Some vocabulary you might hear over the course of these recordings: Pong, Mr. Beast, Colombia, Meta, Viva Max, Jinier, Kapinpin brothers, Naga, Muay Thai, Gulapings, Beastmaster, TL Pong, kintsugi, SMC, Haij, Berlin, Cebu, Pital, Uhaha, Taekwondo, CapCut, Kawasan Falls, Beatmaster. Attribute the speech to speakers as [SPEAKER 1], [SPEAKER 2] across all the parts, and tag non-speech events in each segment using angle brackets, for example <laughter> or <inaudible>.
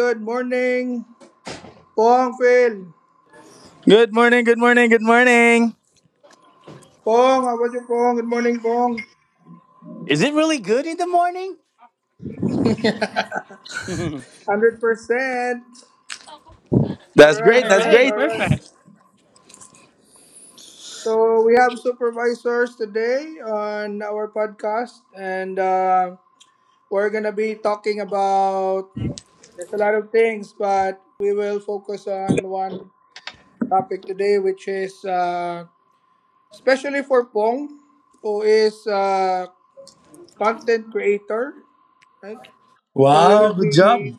[SPEAKER 1] good morning, Pong Phil.
[SPEAKER 2] Good morning, good morning, good morning.
[SPEAKER 1] Pong, how was your Pong? Good morning, Pong.
[SPEAKER 3] Is it really good in the morning?
[SPEAKER 1] <laughs> 100%.
[SPEAKER 3] <laughs> All
[SPEAKER 1] All
[SPEAKER 2] That's
[SPEAKER 1] right,
[SPEAKER 2] great,
[SPEAKER 1] all
[SPEAKER 2] that's
[SPEAKER 1] right,
[SPEAKER 3] right,
[SPEAKER 1] all
[SPEAKER 2] great.
[SPEAKER 1] right.
[SPEAKER 3] perfect.
[SPEAKER 1] So we have supervisors today on our podcast, and we're going to be talking about there's a lot of things, but we will focus on one topic today, which is especially for Pong, who is a content creator. Right? So
[SPEAKER 2] Wow.
[SPEAKER 1] we will be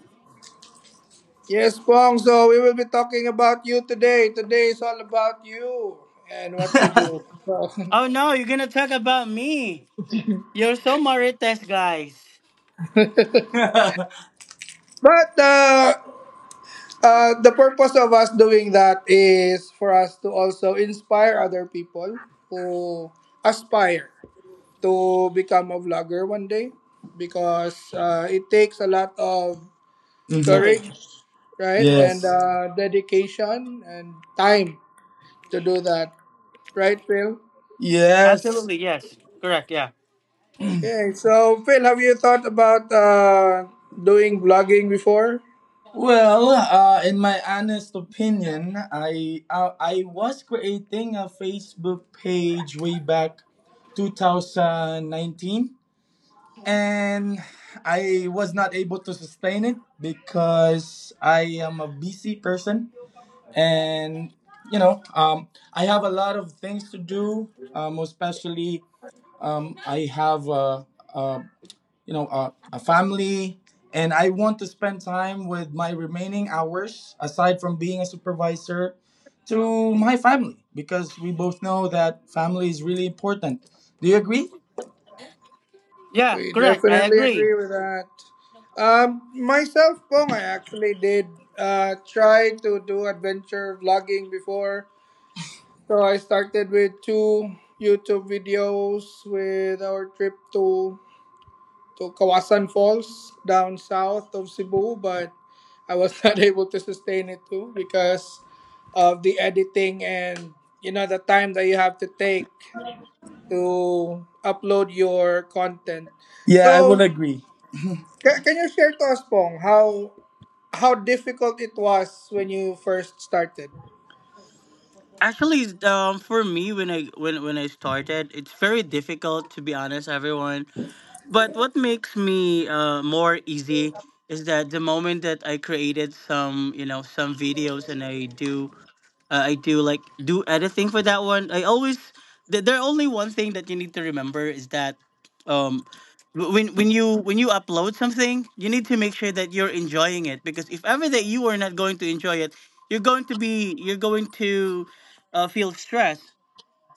[SPEAKER 1] yes, Pong. So we will be talking about you today. Today is all about you and what you
[SPEAKER 2] <laughs>
[SPEAKER 1] do. So
[SPEAKER 3] Oh no, you're gonna talk about me. You're so Marites, guys.
[SPEAKER 2] hmm
[SPEAKER 1] <laughs> but the purpose of us doing that is for us to also inspire other people who aspire to become a vlogger one day because it takes a lot of
[SPEAKER 3] Courage.
[SPEAKER 1] courage, right? And
[SPEAKER 2] Yes.
[SPEAKER 1] dedication and time to do that. Right, Phil?
[SPEAKER 2] Yes.
[SPEAKER 3] Absolutely, yes. Correct. Yeah.
[SPEAKER 1] Okay, so Phil, have you thought about doing vlogging before?
[SPEAKER 2] Well, in my honest opinion, I was creating a Facebook page way back 2019, and I was not able to sustain it because I am a busy person and you know, um, I have a lot of things to do, especially I have a you know a family, and I want to spend time with my remaining hours aside from being a supervisor to my family because we both know that family is really important. Do you agree?
[SPEAKER 3] Yeah.
[SPEAKER 1] We
[SPEAKER 3] Correct. I
[SPEAKER 1] definitely
[SPEAKER 3] agree.
[SPEAKER 1] agree with that. Myself, Pong, I actually did try to do adventure vlogging before. So I started with two YouTube videos with our trip to Kawasan Falls down south of Cebu, but I was <laughs> not able to sustain it too because of the editing and the time that you have to take to upload your content.
[SPEAKER 2] Yeah, I would
[SPEAKER 1] So
[SPEAKER 2] agree.
[SPEAKER 1] can you share to us, Pong, how difficult it was when you first started?
[SPEAKER 3] Actually, it's, for me, when I started, it's very difficult to be honest, everyone. But what makes me more easy is that the moment that I created some videos and I do like do anything for that one. I always there only one thing that you need to remember is that um when you upload something, you need to make sure that you're enjoying it, because if ever that you are not going to enjoy it, you're going to feel stressed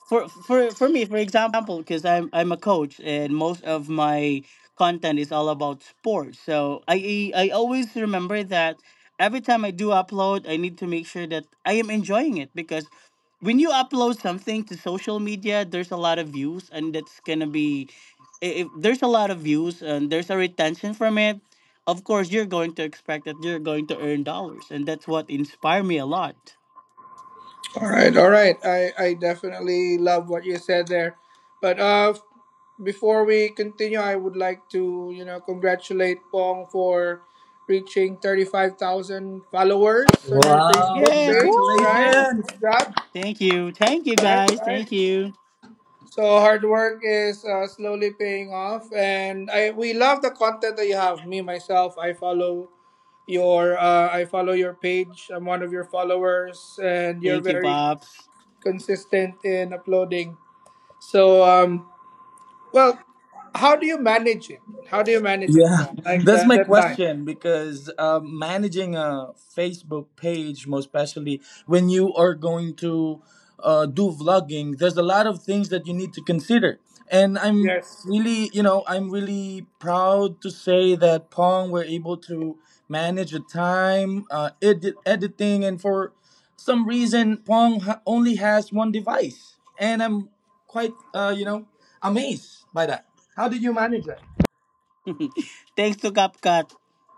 [SPEAKER 3] for me, for example, because I'm a coach and most of my content is all about sports. So I always remember that every time I do upload, I need to make sure that I am enjoying it, because when you upload something to social media there's a lot of views, and that's gonna be if there's a lot of views and there's a retention from it, of course you're going to expect that you're going to earn dollars, and that's what inspired me a lot.
[SPEAKER 1] All right, all right. I definitely love what you said there. But before we continue, I would like to, you know, congratulate Pong for reaching 35,000 followers on your
[SPEAKER 2] Wow!
[SPEAKER 1] Facebook
[SPEAKER 3] Yes,
[SPEAKER 1] page, right?
[SPEAKER 3] woo!
[SPEAKER 2] Congratulations.
[SPEAKER 1] Good job,
[SPEAKER 3] Thank you. Thank you,
[SPEAKER 1] right,
[SPEAKER 3] guys.
[SPEAKER 1] right.
[SPEAKER 3] Thank you.
[SPEAKER 1] So hard work is slowly paying off. And I we love the content that you have. Me, myself, I follow your page. I'm one of your followers, and you're
[SPEAKER 3] Thank you,
[SPEAKER 1] very
[SPEAKER 3] Pops.
[SPEAKER 1] consistent in uploading. So, well, how do you manage it? How do you manage it,
[SPEAKER 2] Yeah,
[SPEAKER 1] Paul?
[SPEAKER 2] <laughs>
[SPEAKER 1] Like
[SPEAKER 2] that's
[SPEAKER 1] the,
[SPEAKER 2] my
[SPEAKER 1] the time.
[SPEAKER 2] question, because managing a Facebook page, most especially when you are going to do vlogging, there's a lot of things that you need to consider. And I'm
[SPEAKER 1] Yes.
[SPEAKER 2] really, I'm really proud to say that Pong were able to manage the time, editing, and for some reason, Pong only has one device. And I'm quite, amazed by that. How did you manage that?
[SPEAKER 3] <laughs> Thanks to CapCut.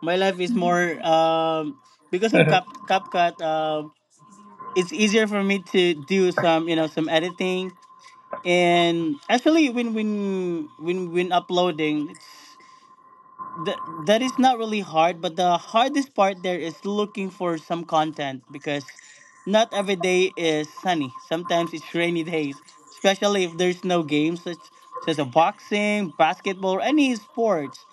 [SPEAKER 3] My life is more, because of CapCut, it's easier for me to do some editing. And actually, when uploading, that is not really hard, but the hardest part there is looking for some content because not every day is sunny. Sometimes it's rainy <laughs> days, especially if there's no games such as a boxing, basketball, or any sports.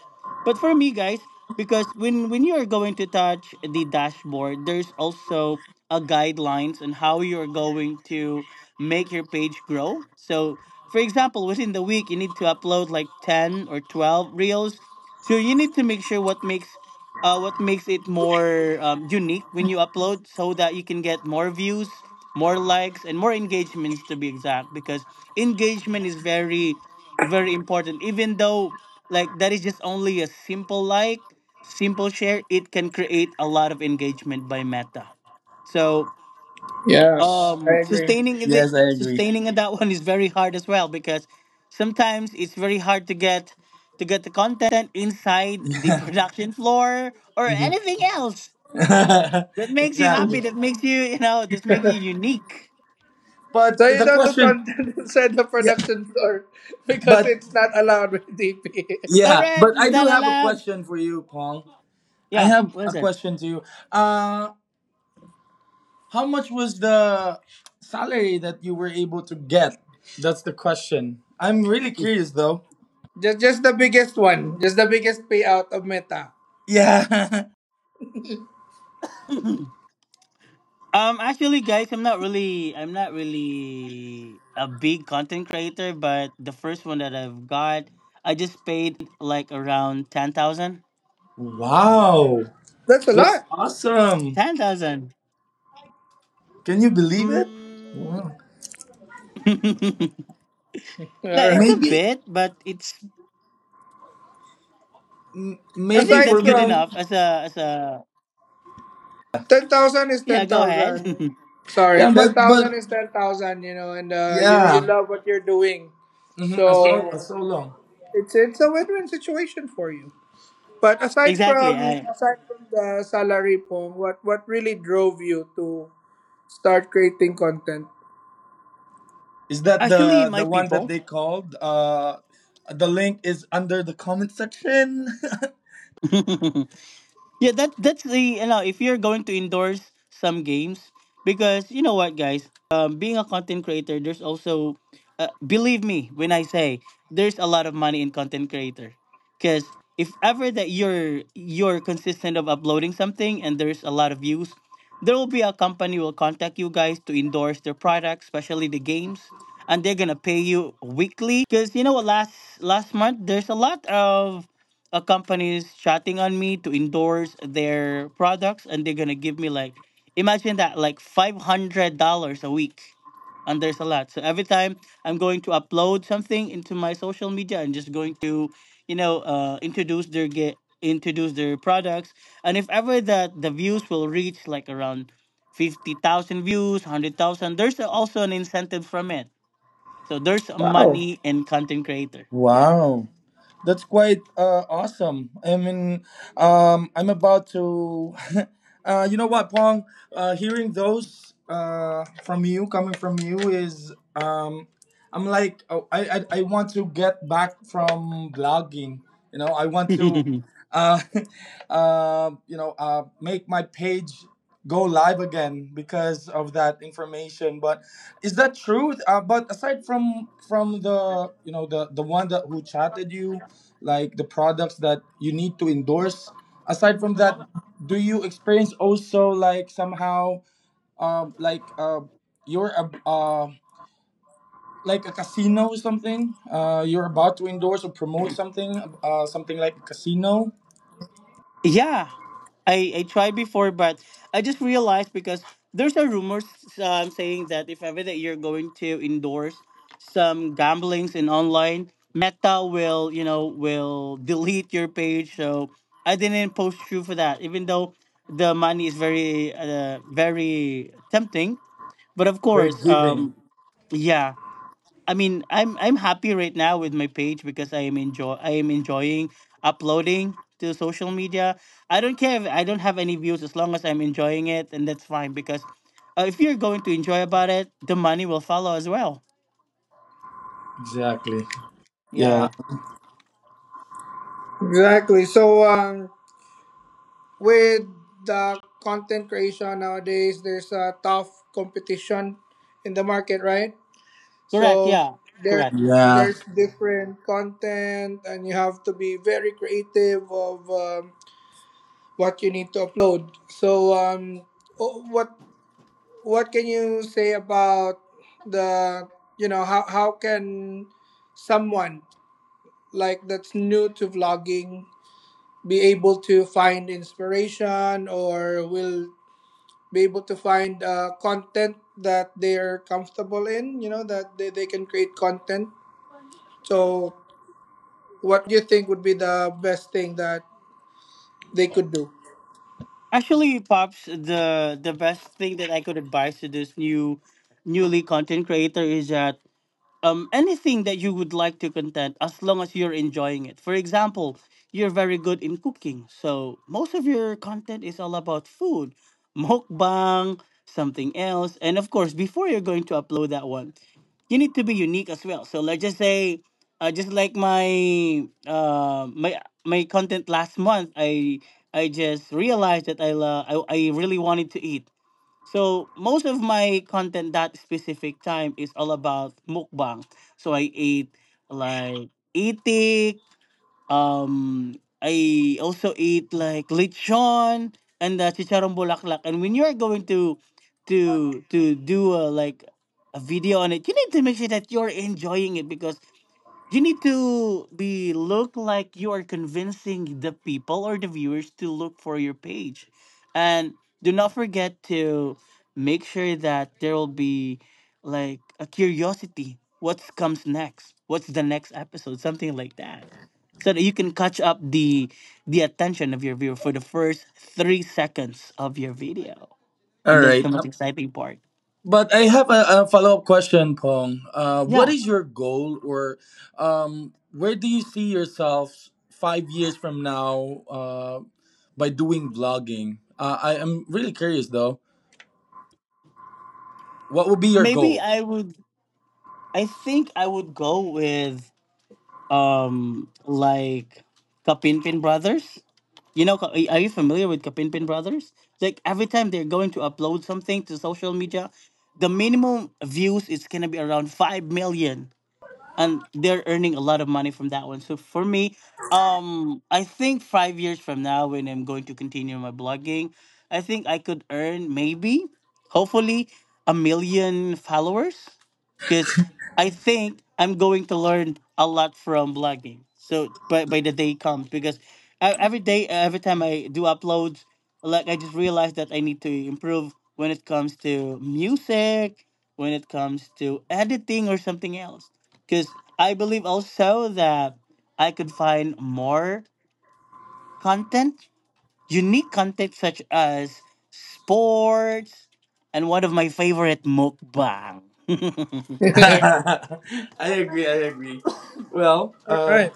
[SPEAKER 3] But for me, guys, because when you are going to touch the dashboard, there's also a guidelines on how you are going to make your page grow. So, for example, within the week, you need to upload like 10 or 12 reels. So you need to make sure what makes it more unique when you upload, so that you can get more views, more likes, and more engagements, to be exact. Because engagement is very, very important, even though like that is just only a simple share, it can create a lot of engagement by Meta. So
[SPEAKER 1] Yes, I agree.
[SPEAKER 3] sustaining the
[SPEAKER 2] Yes, I agree.
[SPEAKER 3] sustaining that one is very hard as well, because sometimes it's very hard to get the content inside the
[SPEAKER 2] Yeah.
[SPEAKER 3] production floor or
[SPEAKER 2] Mhm.
[SPEAKER 3] anything else that
[SPEAKER 2] <laughs>
[SPEAKER 3] makes you happy,
[SPEAKER 2] Exactly.
[SPEAKER 3] that makes you unique.
[SPEAKER 1] So
[SPEAKER 2] But
[SPEAKER 1] you
[SPEAKER 2] the
[SPEAKER 1] don't do
[SPEAKER 2] question,
[SPEAKER 1] content <laughs> inside the
[SPEAKER 2] yeah,
[SPEAKER 1] production floor <laughs> because
[SPEAKER 2] but
[SPEAKER 1] it's not allowed with DP.
[SPEAKER 2] yeah,
[SPEAKER 3] Correct.
[SPEAKER 2] but
[SPEAKER 3] It's
[SPEAKER 2] I do
[SPEAKER 3] not
[SPEAKER 2] have a
[SPEAKER 3] allowed.
[SPEAKER 2] question for you, Paul. I
[SPEAKER 3] Yeah,
[SPEAKER 2] have
[SPEAKER 3] what
[SPEAKER 2] a
[SPEAKER 3] is it.
[SPEAKER 2] question to you. Uh, how much was the salary that you were able to get? That's the question. I'm really curious, though.
[SPEAKER 1] <laughs> Just the biggest one. Just the biggest payout of Meta.
[SPEAKER 2] Yeah. <laughs>
[SPEAKER 3] Actually, guys, I'm not really a big content creator, but the first one that I've got, I just paid like around 10,000. Yeah,
[SPEAKER 2] Wow,
[SPEAKER 1] That's a
[SPEAKER 2] that's
[SPEAKER 1] lot.
[SPEAKER 2] awesome.
[SPEAKER 3] 10,000.
[SPEAKER 2] Can you believe it?
[SPEAKER 3] Mm. <laughs> Like,
[SPEAKER 1] All right.
[SPEAKER 3] it's a
[SPEAKER 2] Maybe,
[SPEAKER 3] bit, but it's. I
[SPEAKER 2] maybe
[SPEAKER 3] think
[SPEAKER 2] for
[SPEAKER 1] Aside
[SPEAKER 3] that's good
[SPEAKER 1] from
[SPEAKER 2] me.
[SPEAKER 3] enough as a.
[SPEAKER 1] 10,000 is
[SPEAKER 3] Yeah,
[SPEAKER 1] ten
[SPEAKER 3] go
[SPEAKER 1] thousand.
[SPEAKER 3] ahead.
[SPEAKER 1] Sorry,
[SPEAKER 2] Yeah,
[SPEAKER 1] ten thousand
[SPEAKER 2] but
[SPEAKER 1] is 10,000. You know, and you
[SPEAKER 2] yeah.
[SPEAKER 1] love what you're doing,
[SPEAKER 2] Mm-hmm. A,
[SPEAKER 1] so
[SPEAKER 2] so, a solo.
[SPEAKER 1] it's a win-win situation for you. But
[SPEAKER 3] <laughs> Exactly. I
[SPEAKER 1] aside from the salary, po, what really drove you to start creating content?
[SPEAKER 2] Is that
[SPEAKER 3] actually
[SPEAKER 2] the
[SPEAKER 3] my
[SPEAKER 2] one that
[SPEAKER 3] people.
[SPEAKER 2] they called? The link is under the comment section. <laughs>
[SPEAKER 3] <laughs> Yeah, that's the you know if you're going to endorse some games, because you know what, guys, being a content creator, there's also believe me when I say, there's a lot of money in content creator, because if ever that you're consistent of uploading something and there's a lot of views, there will be a company will contact you, guys, to endorse their products, especially the games, and they're gonna pay you weekly. Because you know what, last month there's a lot of a companies chatting on me to endorse their products, and they're gonna give me, like, imagine that, like $500 a week, and there's a lot. So every time I'm going to upload something into my social media, I'm just going to introduce their products, and if ever that the views will reach like around 50,000 views, 100,000, there's also an incentive from it. So there's
[SPEAKER 1] Wow.
[SPEAKER 3] money in content creator,
[SPEAKER 2] Wow. That's quite awesome. I mean, I'm about to. <laughs> You know what, Pong? Hearing those coming from you, is I'm like, oh, I want to get back from blogging. You know, I want
[SPEAKER 3] yeah.
[SPEAKER 2] to,
[SPEAKER 3] <laughs>
[SPEAKER 2] uh, <laughs> make my page go live again because of that information. But is that true? But aside from the the one that who chatted you, like the products that you need to endorse, aside from that, do you experience also like somehow um like uh you're a like a casino or something, you're about to endorse or promote something, something like a casino
[SPEAKER 3] Yeah, I tried before, but I just realized because there's a rumors, saying that if ever that you're going to endorse some gamblings in online, Meta will will delete your page. So I didn't post through for that, even though the money is very tempting. But of
[SPEAKER 2] we're
[SPEAKER 3] course,
[SPEAKER 2] giving?
[SPEAKER 3] yeah. I mean, I'm happy right now with my page, because I am enjoying uploading to social media. I don't care if I don't have any views, as long as I'm enjoying it, and that's fine, because if you're going to enjoy about it, the money will follow as well.
[SPEAKER 2] Exactly. Yeah,
[SPEAKER 3] Yeah,
[SPEAKER 1] Exactly. So with the content creation nowadays, there's a tough competition in the market, right?
[SPEAKER 3] correct.
[SPEAKER 1] So
[SPEAKER 3] Yeah,
[SPEAKER 1] there
[SPEAKER 3] correct.
[SPEAKER 2] yeah,
[SPEAKER 1] there's different content, and you have to be very creative of what you need to upload. So o- what what can you say about the how can someone like that's new to vlogging be able to find inspiration or will be able to find content that they're comfortable in that they can create content so what do you think would be the best thing that they could do?
[SPEAKER 3] Actually, Pops, the best thing that I could advise to this newly content creator is that, anything that you would like to content, as long as you're enjoying it. For example, you're very good in cooking. So most of your content is all about food, <laughs> mukbang, something else. And of course, before you're going to upload that one, you need to be unique as well. So let's just say, just like my content last month, I just realized that I, la I really wanted to eat. So most of my content that specific time is all about mukbang. So I ate like itik. Um, I also eat like lechon and the chicharron bulaklak. And when you're going to do a, like a video on it, you need to make sure that you're enjoying it, because you need to be look like you are convincing the people or the viewers to look for your page. And do not forget to make sure that there will be like a curiosity. What comes next? What's the next episode? Something like that. So that you can catch up the attention of your viewer for the first 3 seconds of your video.
[SPEAKER 2] all
[SPEAKER 3] And that's
[SPEAKER 2] right.
[SPEAKER 3] the most exciting part.
[SPEAKER 2] But I have a follow-up question, Pong. What
[SPEAKER 3] Yeah.
[SPEAKER 2] is your goal, or where do you see yourself 5 years from now by doing vlogging? I am really curious, though. What would be your
[SPEAKER 3] Maybe
[SPEAKER 2] goal?
[SPEAKER 3] I think I would go with like Kapinpin Brothers. You know, are you familiar with Kapinpin Brothers? Like every time they're going to upload something to social media, the minimum views is gonna be around 5 million, and they're earning a lot of money from that one. So for me, I think 5 years from now, when I'm going to continue my blogging, I think I could earn maybe, hopefully, a million followers, because I think I'm going to learn a lot from blogging. So by the day comes, because every day, every time I do uploads, like I just realized that I need to improve when it comes to music, when it comes to editing or something else, because I believe also that I could find more content, unique content such as sports, and one of my favorite, mukbang. <laughs>
[SPEAKER 2] <laughs>
[SPEAKER 1] <laughs>
[SPEAKER 2] I agree. I agree. Well,
[SPEAKER 1] All right.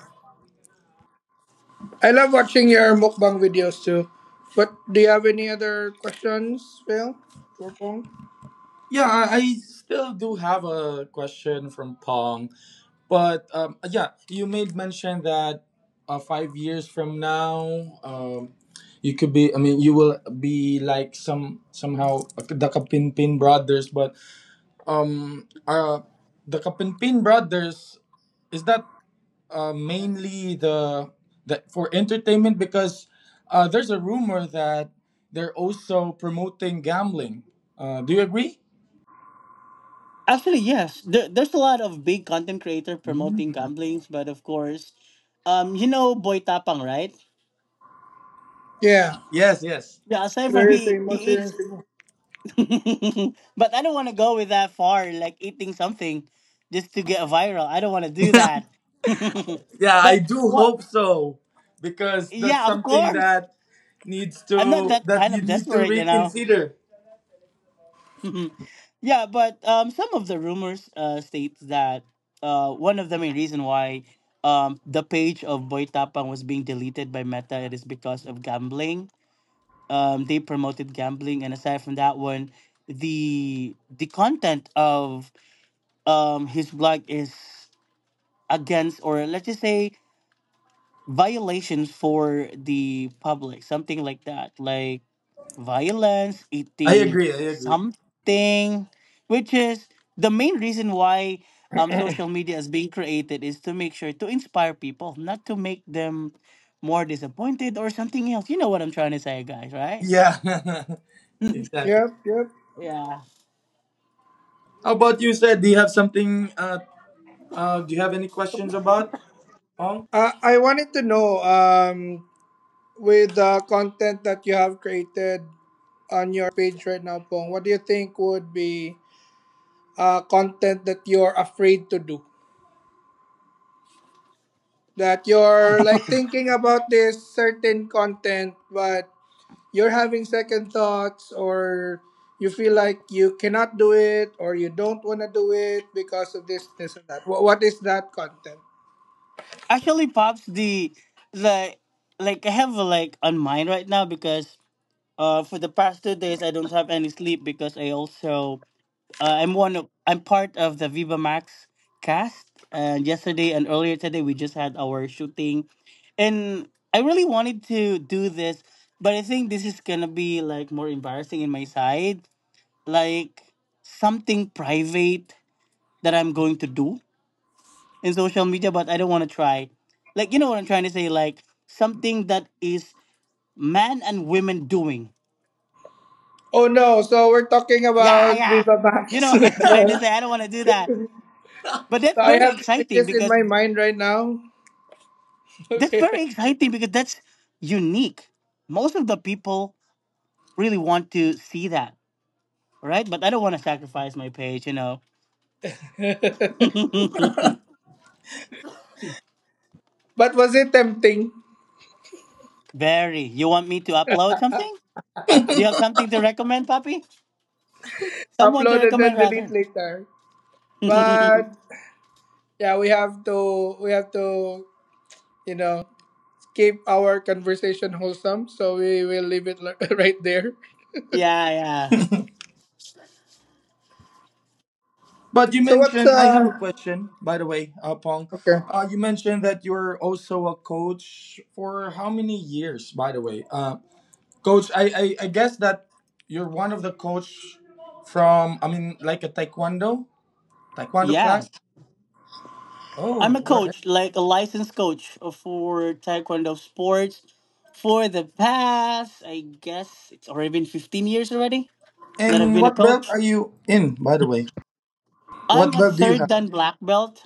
[SPEAKER 1] I love watching your mukbang videos too. But do you have any other questions, Phil? For Pong?
[SPEAKER 2] yeah, I still do have a question from Pong. But yeah, you made mention that 5 years from now, you could be. I mean, you will be like somehow the Kapinpin brothers. But um, uh, the Kapinpin brothers, is that mainly the for entertainment, because there's a rumor that they're also promoting gambling. Do you agree?
[SPEAKER 3] Actually, yes, there's a lot of big content creator
[SPEAKER 2] Mhm.
[SPEAKER 3] promoting gamblings, but of course, you know Boy Tapang, right?
[SPEAKER 1] Yeah.
[SPEAKER 2] Yes. Yes.
[SPEAKER 3] Yeah, aside from
[SPEAKER 1] Very
[SPEAKER 3] he
[SPEAKER 1] famous here in
[SPEAKER 3] eats,
[SPEAKER 1] Singapore.
[SPEAKER 3] <laughs> but I don't want to go with that far, like eating something just to get viral. I don't want to do that.
[SPEAKER 2] <laughs> Yeah,
[SPEAKER 3] <laughs>
[SPEAKER 2] I
[SPEAKER 3] But
[SPEAKER 2] do
[SPEAKER 3] what.
[SPEAKER 2] hope so, because that's
[SPEAKER 3] Yeah, of
[SPEAKER 2] something
[SPEAKER 3] course.
[SPEAKER 2] that needs
[SPEAKER 3] I'm not
[SPEAKER 2] to
[SPEAKER 3] that
[SPEAKER 2] that
[SPEAKER 3] kind
[SPEAKER 2] you
[SPEAKER 3] of
[SPEAKER 2] need to
[SPEAKER 3] desperate, you know.
[SPEAKER 2] reconsider.
[SPEAKER 3] <laughs> Yeah, but some of the rumors states that one of the main reason why, the page of Boy Tapang was being deleted by Meta, it is because of gambling. They promoted gambling, and aside from that one, the content of, his blog is against, or let's just say violations for the public, something like that, like violence,
[SPEAKER 2] I
[SPEAKER 3] eating
[SPEAKER 2] agree. I agree.
[SPEAKER 3] something, which is the main reason why, social media is being created, is to make sure to inspire people, not to make them more disappointed or something else. You know what I'm trying to say, guys, right?
[SPEAKER 2] Yeah, <laughs> exactly.
[SPEAKER 1] Yep, yep.
[SPEAKER 3] Yeah.
[SPEAKER 2] How about you, said? Do you have something? Do you have any questions about Pong?
[SPEAKER 1] I wanted to know with the content that you have created on your page right now, Pong, what do you think would be content that you're afraid to do? That you're like thinking about this certain content, but you're having second thoughts, or you feel like you cannot do it, or you don't want to do it because of this, this, and that. What is that content?
[SPEAKER 3] Actually, Pops, the like I have like on mine right now, because for the past 2 days I don't have any sleep, because I also. I'm one of I'm part of the Viva Max cast, and yesterday and earlier today we just had our shooting, and I really wanted to do this, but I think this is gonna be like more embarrassing in my side, like something private that I'm going to do in social media, but I don't want to try. Like, you know what I'm trying to say, like something that is man and women doing.
[SPEAKER 1] Oh no, so we're talking
[SPEAKER 3] Yeah,
[SPEAKER 1] about
[SPEAKER 3] yeah.
[SPEAKER 1] Viva
[SPEAKER 3] You
[SPEAKER 1] Max. <laughs>
[SPEAKER 3] know <laughs> what
[SPEAKER 1] So
[SPEAKER 3] I'm trying to say. I don't want to do that. But that's
[SPEAKER 1] I
[SPEAKER 3] very
[SPEAKER 1] have
[SPEAKER 3] exciting
[SPEAKER 1] images in
[SPEAKER 3] because
[SPEAKER 1] my mind right now.
[SPEAKER 3] That's
[SPEAKER 1] Okay.
[SPEAKER 3] very exciting because That's unique. Most of the people really want to see that, right? But I don't want to sacrifice my page, you know.
[SPEAKER 1] <laughs>
[SPEAKER 3] <laughs>
[SPEAKER 1] But was it tempting?
[SPEAKER 3] Very. You want me to upload something? Do you have something to recommend, Papi? Someone to
[SPEAKER 1] Upload and then
[SPEAKER 3] recommend,
[SPEAKER 1] delete
[SPEAKER 3] rather.
[SPEAKER 1] later.
[SPEAKER 3] <laughs> Yeah,
[SPEAKER 1] But yeah, we have to you know, keep our conversation wholesome. So we will leave it <laughs> right there.
[SPEAKER 3] yeah.
[SPEAKER 2] <laughs> But you
[SPEAKER 1] So what's
[SPEAKER 2] mentioned, I have a question, by the way, Pong.
[SPEAKER 1] okay.
[SPEAKER 2] You mentioned that you're also a coach for how many years, by the way? Coach, I guess that you're one of the coach from, I mean, like a taekwondo class.
[SPEAKER 3] Yeah. I'm
[SPEAKER 2] Oh,
[SPEAKER 3] a
[SPEAKER 2] all right.
[SPEAKER 3] coach, like a licensed coach for Taekwondo sports for the past, I guess it's already been 15 years already that I've
[SPEAKER 2] And
[SPEAKER 3] been a
[SPEAKER 2] what belt
[SPEAKER 3] coach.
[SPEAKER 2] are you in, by the way?
[SPEAKER 3] I'm
[SPEAKER 2] What
[SPEAKER 3] a
[SPEAKER 2] belt do you
[SPEAKER 3] third
[SPEAKER 2] have?
[SPEAKER 3] dan black belt.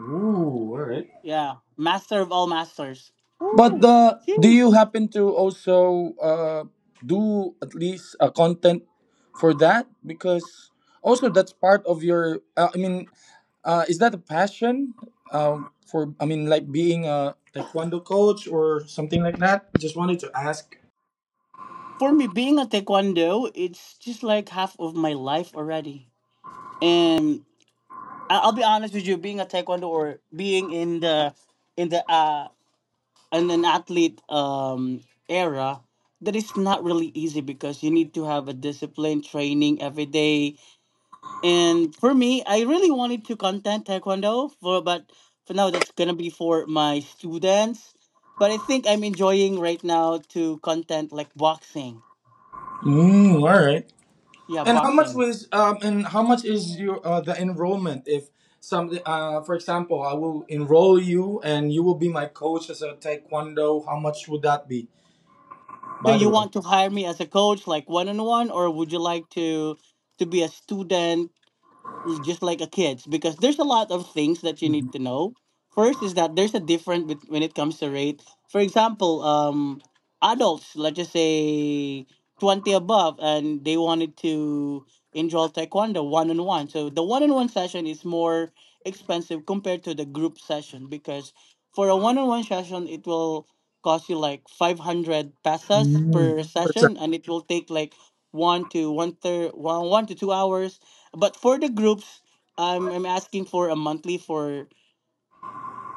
[SPEAKER 2] Ooh, all right.
[SPEAKER 3] Yeah, master of all masters.
[SPEAKER 2] But
[SPEAKER 3] Woo,
[SPEAKER 2] do you
[SPEAKER 3] huge.
[SPEAKER 2] happen to also do at least content for that? Because also that's part of your. I mean, is that a passion for? I mean, like being a taekwondo coach or something like that. Just wanted to ask.
[SPEAKER 3] For me, being a taekwondo, it's just like half of my life already. And I'll be honest with you, being a taekwondo or being in the in an athlete era, that is not really easy because you need to have a discipline training every day. And for me, I really wanted to content taekwondo for, but for now that's gonna be for my students. But I think I'm enjoying right now to content like boxing.
[SPEAKER 2] Mm, all right.
[SPEAKER 3] Yeah,
[SPEAKER 2] And
[SPEAKER 3] boxing.
[SPEAKER 2] how much is your the enrollment if some for example I will enroll you and you will be my coach as a taekwondo? How much would that be,
[SPEAKER 3] So
[SPEAKER 2] by the
[SPEAKER 3] you
[SPEAKER 2] way?
[SPEAKER 3] want to hire me as a coach like one on one, or would you like to be a student just like a kids, because there's a lot of things that you
[SPEAKER 2] Mhm.
[SPEAKER 3] need to know. First is that there's a difference when it comes to rate. For example, adults, let's just say 20 above, and they wanted to enroll taekwondo one on one. So the one on one session is more expensive compared to the group session, because for a one on one session, it will cost you like 500 pesos
[SPEAKER 2] Mm,
[SPEAKER 3] per session
[SPEAKER 2] percep-
[SPEAKER 3] and it will take like one to one third one, 1 to 2 hours. But for the groups, I'm asking for a monthly for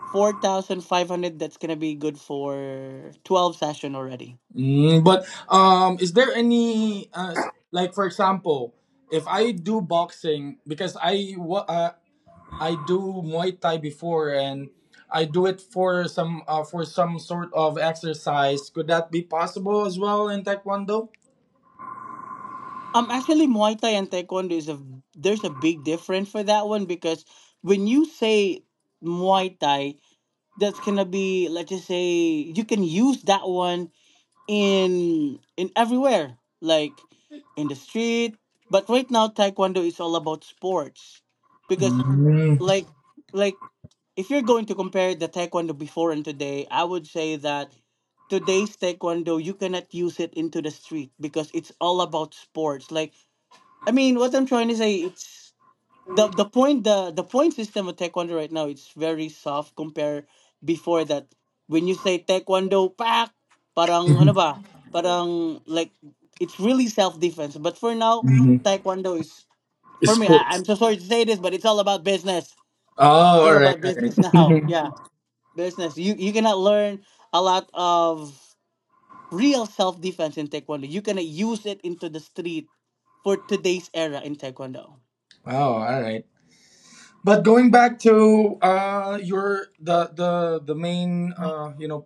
[SPEAKER 3] 4,500. That's gonna be good for 12 session already.
[SPEAKER 2] Mm, but is there any like for example, if I do boxing, because I do Muay Thai before and I do it for some sort of exercise. Could that be possible as well in Taekwondo?
[SPEAKER 3] Actually, Muay Thai and Taekwondo is a, there's a big difference for that one, because when you say Muay Thai, that's gonna be, let's just say you can use that one in everywhere, like in the street. But right now, Taekwondo is all about sports, because
[SPEAKER 2] Mm.
[SPEAKER 3] like like if you're going to compare the taekwondo before and today, I would say that today's taekwondo you cannot use it into the street because it's all about sports. Like I mean, what I'm trying to say, it's the point the point system of taekwondo right now, it's very soft compared before that. When you say taekwondo, pak, parang ano
[SPEAKER 2] Mhm.
[SPEAKER 3] ba? Parang like it's really self defense. But for now,
[SPEAKER 2] Mhm.
[SPEAKER 3] taekwondo is
[SPEAKER 2] <laughs>
[SPEAKER 3] for me, I,
[SPEAKER 2] Sports.
[SPEAKER 3] I'm so sorry to say this, but it's all about business.
[SPEAKER 2] Oh,
[SPEAKER 3] It's all
[SPEAKER 2] all right,
[SPEAKER 3] about
[SPEAKER 2] all right.
[SPEAKER 3] business <laughs> now.
[SPEAKER 1] <laughs>
[SPEAKER 3] Yeah, business. You cannot learn a lot of real self defense in taekwondo. You cannot use it into the street for today's era in taekwondo.
[SPEAKER 2] Oh, all right. But going back to your the main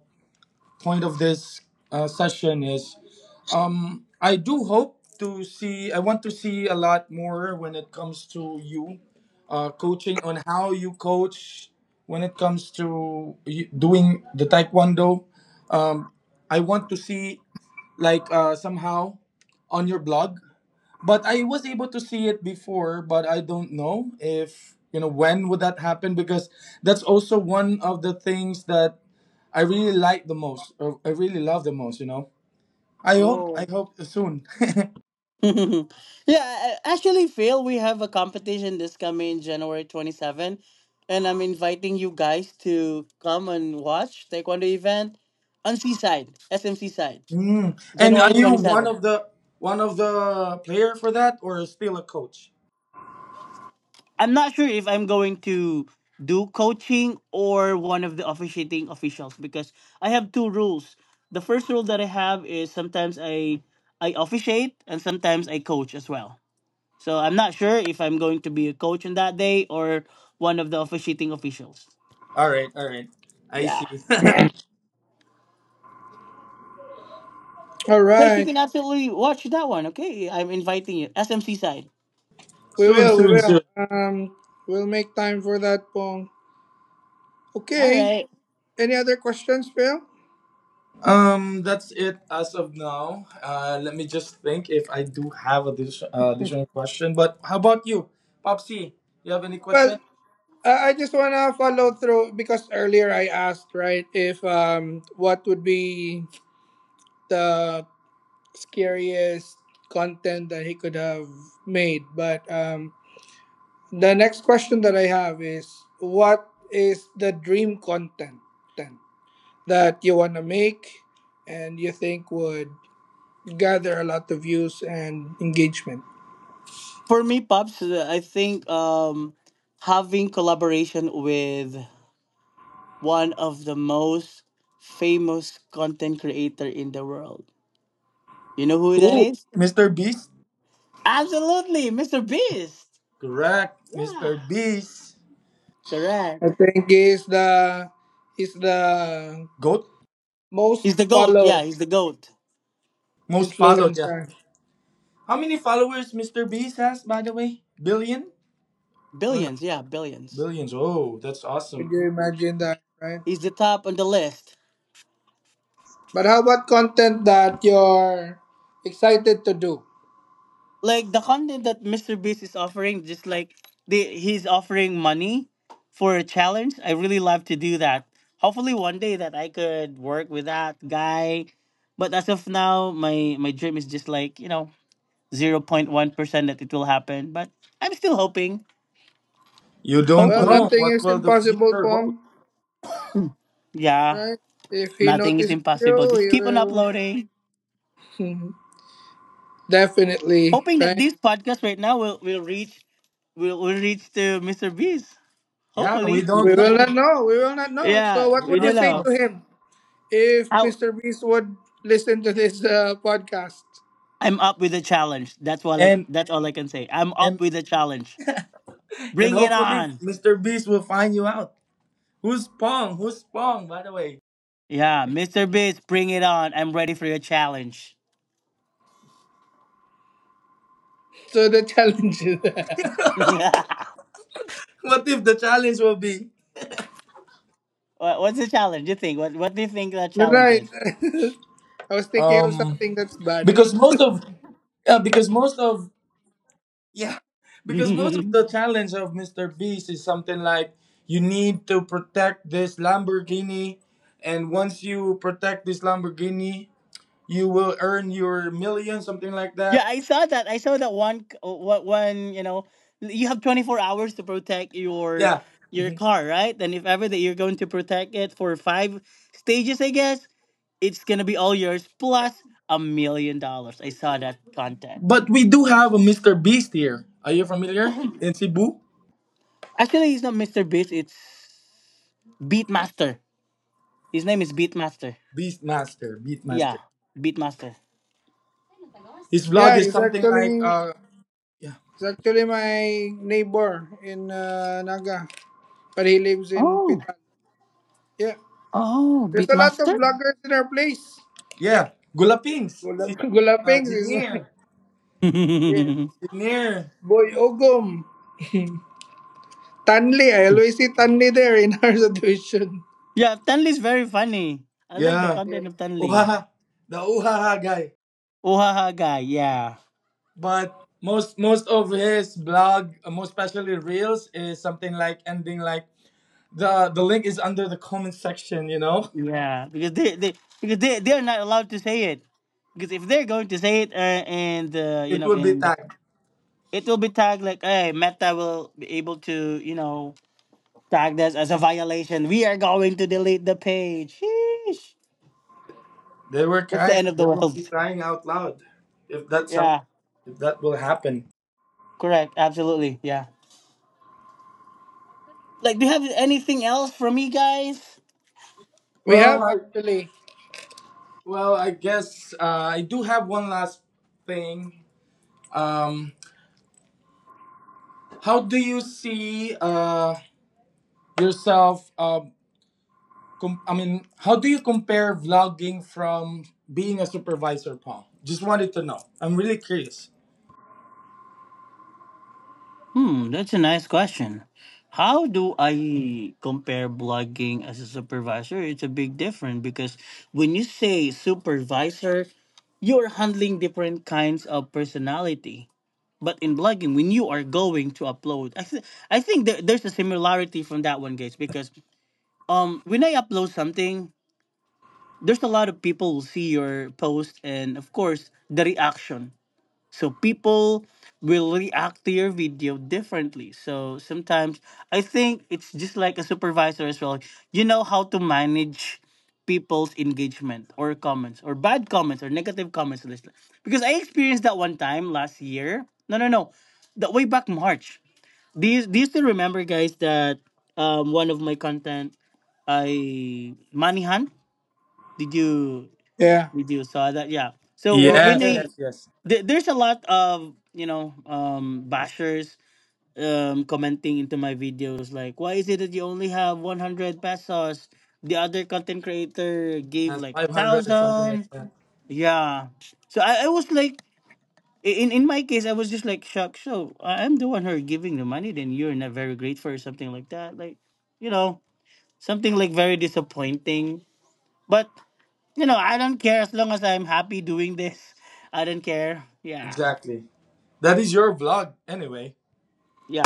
[SPEAKER 2] point of this session is, I do hope to see, I want to see a lot more when it comes to you coaching, on how you coach when it comes to doing the Taekwondo. Um, I want to see, like, somehow on your blog. But I was able to see it before, but I don't know if, you know, when would that happen, because that's also one of the things that I really like the most, or I really love the most. You know. I hope. I
[SPEAKER 3] Whoa.
[SPEAKER 2] hope soon. <laughs>
[SPEAKER 3] <laughs> Yeah, actually, Phil, we have a competition this coming January 27, and I'm inviting you guys to come and watch Taekwondo event on Seaside, SMC side,
[SPEAKER 2] Mm. And
[SPEAKER 3] January
[SPEAKER 2] are you one
[SPEAKER 3] 27.
[SPEAKER 2] of the player for that, or still a coach?
[SPEAKER 3] I'm not sure if I'm going to do coaching or one of the officiating officials, because I have two rules. The first rule that I have is sometimes I officiate and sometimes I coach as well. So I'm not sure if I'm going to be a coach on that day or one of the officiating officials.
[SPEAKER 2] All right. All right. I
[SPEAKER 3] Yeah.
[SPEAKER 2] see.
[SPEAKER 1] All
[SPEAKER 3] Guys, you
[SPEAKER 1] right.
[SPEAKER 3] can absolutely watch that one, okay? I'm inviting you. SMC side.
[SPEAKER 2] <laughs> Soon.
[SPEAKER 1] We
[SPEAKER 2] Soon. Soon.
[SPEAKER 1] will. We'll make time for that Pong.
[SPEAKER 3] All
[SPEAKER 1] Okay.
[SPEAKER 3] right.
[SPEAKER 1] Any other questions, Phil?
[SPEAKER 2] That's it as of now. Let me just think if I do have additional question. But how about you, Popsy? You have any
[SPEAKER 1] Well,
[SPEAKER 2] question?
[SPEAKER 1] I just want to follow through because earlier I asked, right, if what would be the scariest content that he could have made, but the next question that I have is what is the dream content that you want to make and you think would gather a lot of views and engagement?
[SPEAKER 3] For me, Pops, I think having collaboration with one of the most famous content creator in the world. You know who that
[SPEAKER 1] Ooh,
[SPEAKER 3] is?
[SPEAKER 2] Mr. Beast.
[SPEAKER 3] Absolutely, Mr. Beast.
[SPEAKER 2] Correct, Mr. Beast.
[SPEAKER 1] I
[SPEAKER 3] Correct.
[SPEAKER 1] think is the
[SPEAKER 2] Goat.
[SPEAKER 3] He's the
[SPEAKER 1] most
[SPEAKER 3] goat. Yeah,
[SPEAKER 1] followed
[SPEAKER 3] he's the goat.
[SPEAKER 2] Most followed. Yeah.
[SPEAKER 1] influencer.
[SPEAKER 2] How many followers Mr. Beast has, by the way? Billion? Or no?
[SPEAKER 3] Billions. Yeah, billions.
[SPEAKER 2] Billions. Oh, that's
[SPEAKER 1] Could
[SPEAKER 2] awesome.
[SPEAKER 1] you imagine that, right?
[SPEAKER 3] He's the top on the list.
[SPEAKER 1] But how about content that you're excited to do?
[SPEAKER 3] Like the content that Mr. Beast is offering, just like he's offering money for a challenge. I really love to do that. Hopefully, one day that I could work with that guy. But as of now, my dream is just like 0.1% that it will happen, but I'm still hoping.
[SPEAKER 2] You don't
[SPEAKER 1] Well,
[SPEAKER 3] Hopefully.
[SPEAKER 2] know
[SPEAKER 1] nothing
[SPEAKER 2] what
[SPEAKER 1] is
[SPEAKER 2] will the
[SPEAKER 1] impossible,
[SPEAKER 2] future hold.
[SPEAKER 1] Pong,
[SPEAKER 3] Yeah,
[SPEAKER 1] right? If he
[SPEAKER 3] nothing is
[SPEAKER 1] notices
[SPEAKER 3] impossible. Just keep on
[SPEAKER 1] you,
[SPEAKER 3] uploading.
[SPEAKER 1] he will <laughs> definitely,
[SPEAKER 3] Hoping that
[SPEAKER 1] right?
[SPEAKER 3] this podcast right now will reach to Mr. Beast.
[SPEAKER 2] Yeah, we
[SPEAKER 3] Hopefully.
[SPEAKER 1] We
[SPEAKER 2] don't
[SPEAKER 1] will not
[SPEAKER 2] know.
[SPEAKER 1] know. We will not
[SPEAKER 3] <laughs>
[SPEAKER 1] know. So,
[SPEAKER 3] Yeah,
[SPEAKER 1] what
[SPEAKER 2] We do
[SPEAKER 3] we
[SPEAKER 1] would you
[SPEAKER 3] don't
[SPEAKER 2] not
[SPEAKER 1] say
[SPEAKER 2] know.
[SPEAKER 3] know.
[SPEAKER 1] to him if
[SPEAKER 3] How
[SPEAKER 1] Mr. Beast would listen to this podcast?
[SPEAKER 3] I'm up with the challenge. That's what, like,
[SPEAKER 2] And
[SPEAKER 3] that's all I can say. I'm up
[SPEAKER 2] and
[SPEAKER 3] with the challenge. Bring it
[SPEAKER 2] hopefully
[SPEAKER 3] on.
[SPEAKER 2] Mr. Beast will find you out. Who's Pong? Who's Pong, by the way?
[SPEAKER 3] Yeah, Mr. Beast, bring it on. I'm ready for your challenge.
[SPEAKER 1] So, the challenge is. <laughs>
[SPEAKER 3] <laughs>
[SPEAKER 2] What if the challenge will be?
[SPEAKER 3] What's the challenge? You think? What do you think that
[SPEAKER 1] No,
[SPEAKER 3] challenge
[SPEAKER 1] right.
[SPEAKER 3] is?
[SPEAKER 1] <laughs> I was thinking of
[SPEAKER 2] Um
[SPEAKER 1] something that's bad.
[SPEAKER 2] because most of yeah, because most of Yeah, because most of the
[SPEAKER 3] <laughs>
[SPEAKER 2] challenge of Mr. Beast is something like, you need to protect this Lamborghini, and once you protect this Lamborghini, you will earn your million, something like
[SPEAKER 3] Yeah,
[SPEAKER 2] that.
[SPEAKER 3] I saw that. I saw that one. What one? You know, you have 24 hours to protect
[SPEAKER 2] Yeah.
[SPEAKER 3] your
[SPEAKER 2] Mhm.
[SPEAKER 3] car, right? And if ever that you're going to protect it for five stages, I guess it's gonna be all yours plus $1 million. I saw that content.
[SPEAKER 2] But we do have a Mr. Beast here. Are you familiar? In Cebu?
[SPEAKER 3] Actually, he's not Mr. Beast. It's Beatmaster. His name is Beatmaster.
[SPEAKER 2] Beastmaster, Beastmaster.
[SPEAKER 3] Yeah, Beatmaster.
[SPEAKER 2] His vlog
[SPEAKER 1] Yeah,
[SPEAKER 2] is something like, yeah,
[SPEAKER 1] he's actually my neighbor in Naga, but he lives in
[SPEAKER 3] Oh,
[SPEAKER 1] Pital. Yeah.
[SPEAKER 3] oh,
[SPEAKER 1] There's a lot of
[SPEAKER 3] Beatmaster.
[SPEAKER 1] bloggers in our place.
[SPEAKER 2] yeah, Gulapings. Si
[SPEAKER 1] Gulapings <laughs> is my.
[SPEAKER 2] Jinier.
[SPEAKER 1] Yeah.
[SPEAKER 3] <laughs>
[SPEAKER 2] Jinier.
[SPEAKER 1] Boy Ogum. Tanley. I always see Tanley there in our <laughs> situation.
[SPEAKER 3] Yeah, Tanley's very funny. I like the
[SPEAKER 2] Yeah.
[SPEAKER 3] content of Tanley.
[SPEAKER 2] Uhaha. The Uhaha guy.
[SPEAKER 3] Uhaha guy. Yeah.
[SPEAKER 2] But most of his blog, most especially reels, is something like ending like, the link is under the comment section, you know.
[SPEAKER 3] Yeah, because they because they're not allowed to say it. Because if they're going to say it, and you
[SPEAKER 2] It
[SPEAKER 3] know,
[SPEAKER 2] will be
[SPEAKER 3] and
[SPEAKER 2] tagged.
[SPEAKER 3] it will be tagged like, hey, Meta will be able to, you know, tag this as a violation. We are going to delete the page. Sheesh.
[SPEAKER 2] They were
[SPEAKER 3] That's the
[SPEAKER 2] crying.
[SPEAKER 3] end of
[SPEAKER 2] They
[SPEAKER 3] the
[SPEAKER 2] will be
[SPEAKER 3] world. <laughs>
[SPEAKER 2] crying out loud if that's some
[SPEAKER 3] Yeah,
[SPEAKER 2] if that will happen.
[SPEAKER 3] correct. Absolutely. Yeah. Like, do you have anything else for me, guys?
[SPEAKER 1] We
[SPEAKER 2] Well,
[SPEAKER 1] have
[SPEAKER 2] i
[SPEAKER 1] actually.
[SPEAKER 2] well i guess I do have one last thing. um how do you see yourself, I mean, how do you compare vlogging from being a supervisor, Paul? Just wanted to know. I'm really curious.
[SPEAKER 3] Hmm, that's a nice question. How do I compare blogging as a supervisor? It's a big difference, because when you say supervisor, you're handling different kinds of personality. But in blogging, when you are going to upload, I think there's a similarity from that one, guys, because when I upload something, there's a lot of people who see your post and, of course, the reaction. So people will react to your video differently. So sometimes I think it's just like a supervisor as well. You know how to manage people's engagement or comments or bad comments or negative comments. And because I experienced that one time last year. No, no, no. That way back March. Do you still remember, guys, that one of my content, I Manihan? Did you
[SPEAKER 1] Yeah.
[SPEAKER 3] saw that? Yeah. So
[SPEAKER 1] Yes.
[SPEAKER 3] when
[SPEAKER 2] Yes, yes,
[SPEAKER 3] I
[SPEAKER 1] Yes.
[SPEAKER 2] yes.
[SPEAKER 3] there's a lot of bashers commenting into my videos, like, why is it that you only have 100 pesos, the other content creator gave
[SPEAKER 2] Has
[SPEAKER 3] like a
[SPEAKER 2] 500 or something like
[SPEAKER 3] thousand.
[SPEAKER 2] that.
[SPEAKER 3] Yeah, so I was like, in my case, I was just like shocked. So I'm the one who are giving the money, then you're not very grateful or something like that, like, you know, something like very disappointing. But you know, I don't care, as long as I'm happy doing this, I don't care. Yeah.
[SPEAKER 2] Exactly. That is your vlog, anyway.
[SPEAKER 3] Yeah,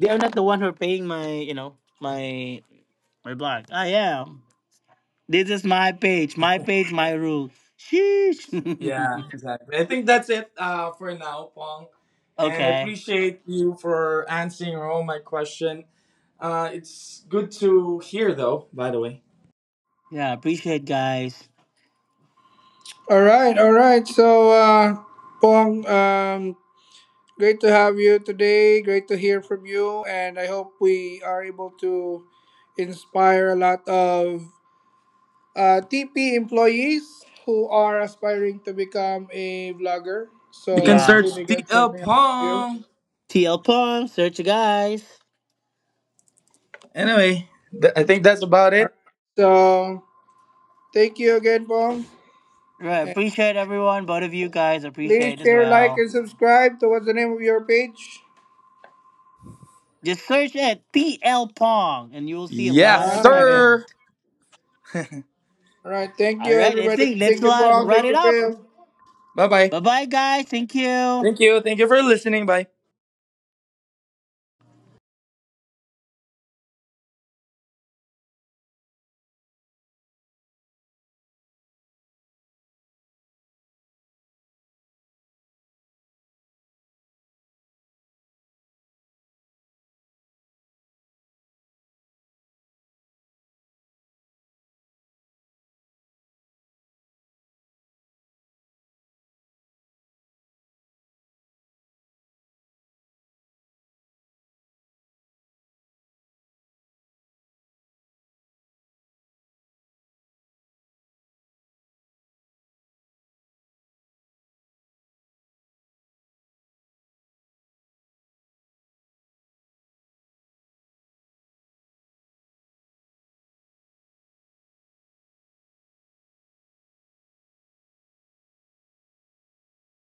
[SPEAKER 3] they are not the one who are paying my, you know, my my blog. I am. This is my page, my page, my rule.
[SPEAKER 2] Yeah,
[SPEAKER 3] Sheesh.
[SPEAKER 2] exactly. I think that's it for now, Pong.
[SPEAKER 3] <laughs>
[SPEAKER 2] And I
[SPEAKER 3] Okay.
[SPEAKER 2] appreciate you for answering all my question. It's good to hear, though, by the way.
[SPEAKER 3] Yeah, appreciate guys.
[SPEAKER 1] All right. All right. So, Pong, great to have you today. Great to hear from you, and I hope we are able to inspire a lot of TP employees who are aspiring to become a vlogger.
[SPEAKER 2] You can
[SPEAKER 1] So,
[SPEAKER 3] Yeah.
[SPEAKER 2] search
[SPEAKER 1] hopefully, they get
[SPEAKER 2] TL
[SPEAKER 1] something out of you.
[SPEAKER 2] Pong.
[SPEAKER 3] TL Plum, search you guys.
[SPEAKER 2] Anyway, I think that's about
[SPEAKER 1] All right.
[SPEAKER 2] it.
[SPEAKER 1] So, thank you again, Pong.
[SPEAKER 3] Right, appreciate everyone, both of you guys
[SPEAKER 1] Please
[SPEAKER 3] appreciate as
[SPEAKER 1] share, like,
[SPEAKER 3] well.
[SPEAKER 1] and subscribe to what's the name of your page.
[SPEAKER 3] Just search at TL Pong and you will see a
[SPEAKER 1] All
[SPEAKER 3] lot
[SPEAKER 2] Yes,
[SPEAKER 3] of
[SPEAKER 1] right.
[SPEAKER 2] sir.
[SPEAKER 3] content.
[SPEAKER 1] All right. Thank
[SPEAKER 3] All
[SPEAKER 1] you,
[SPEAKER 3] right, I
[SPEAKER 1] everybody.
[SPEAKER 3] think let's
[SPEAKER 1] Thank you, Paul.
[SPEAKER 3] wrap
[SPEAKER 1] Thank
[SPEAKER 3] it
[SPEAKER 1] you,
[SPEAKER 3] up.
[SPEAKER 1] Phil.
[SPEAKER 2] Bye bye.
[SPEAKER 3] Bye bye, guys. Thank you.
[SPEAKER 2] Thank you. Thank you for listening. Bye.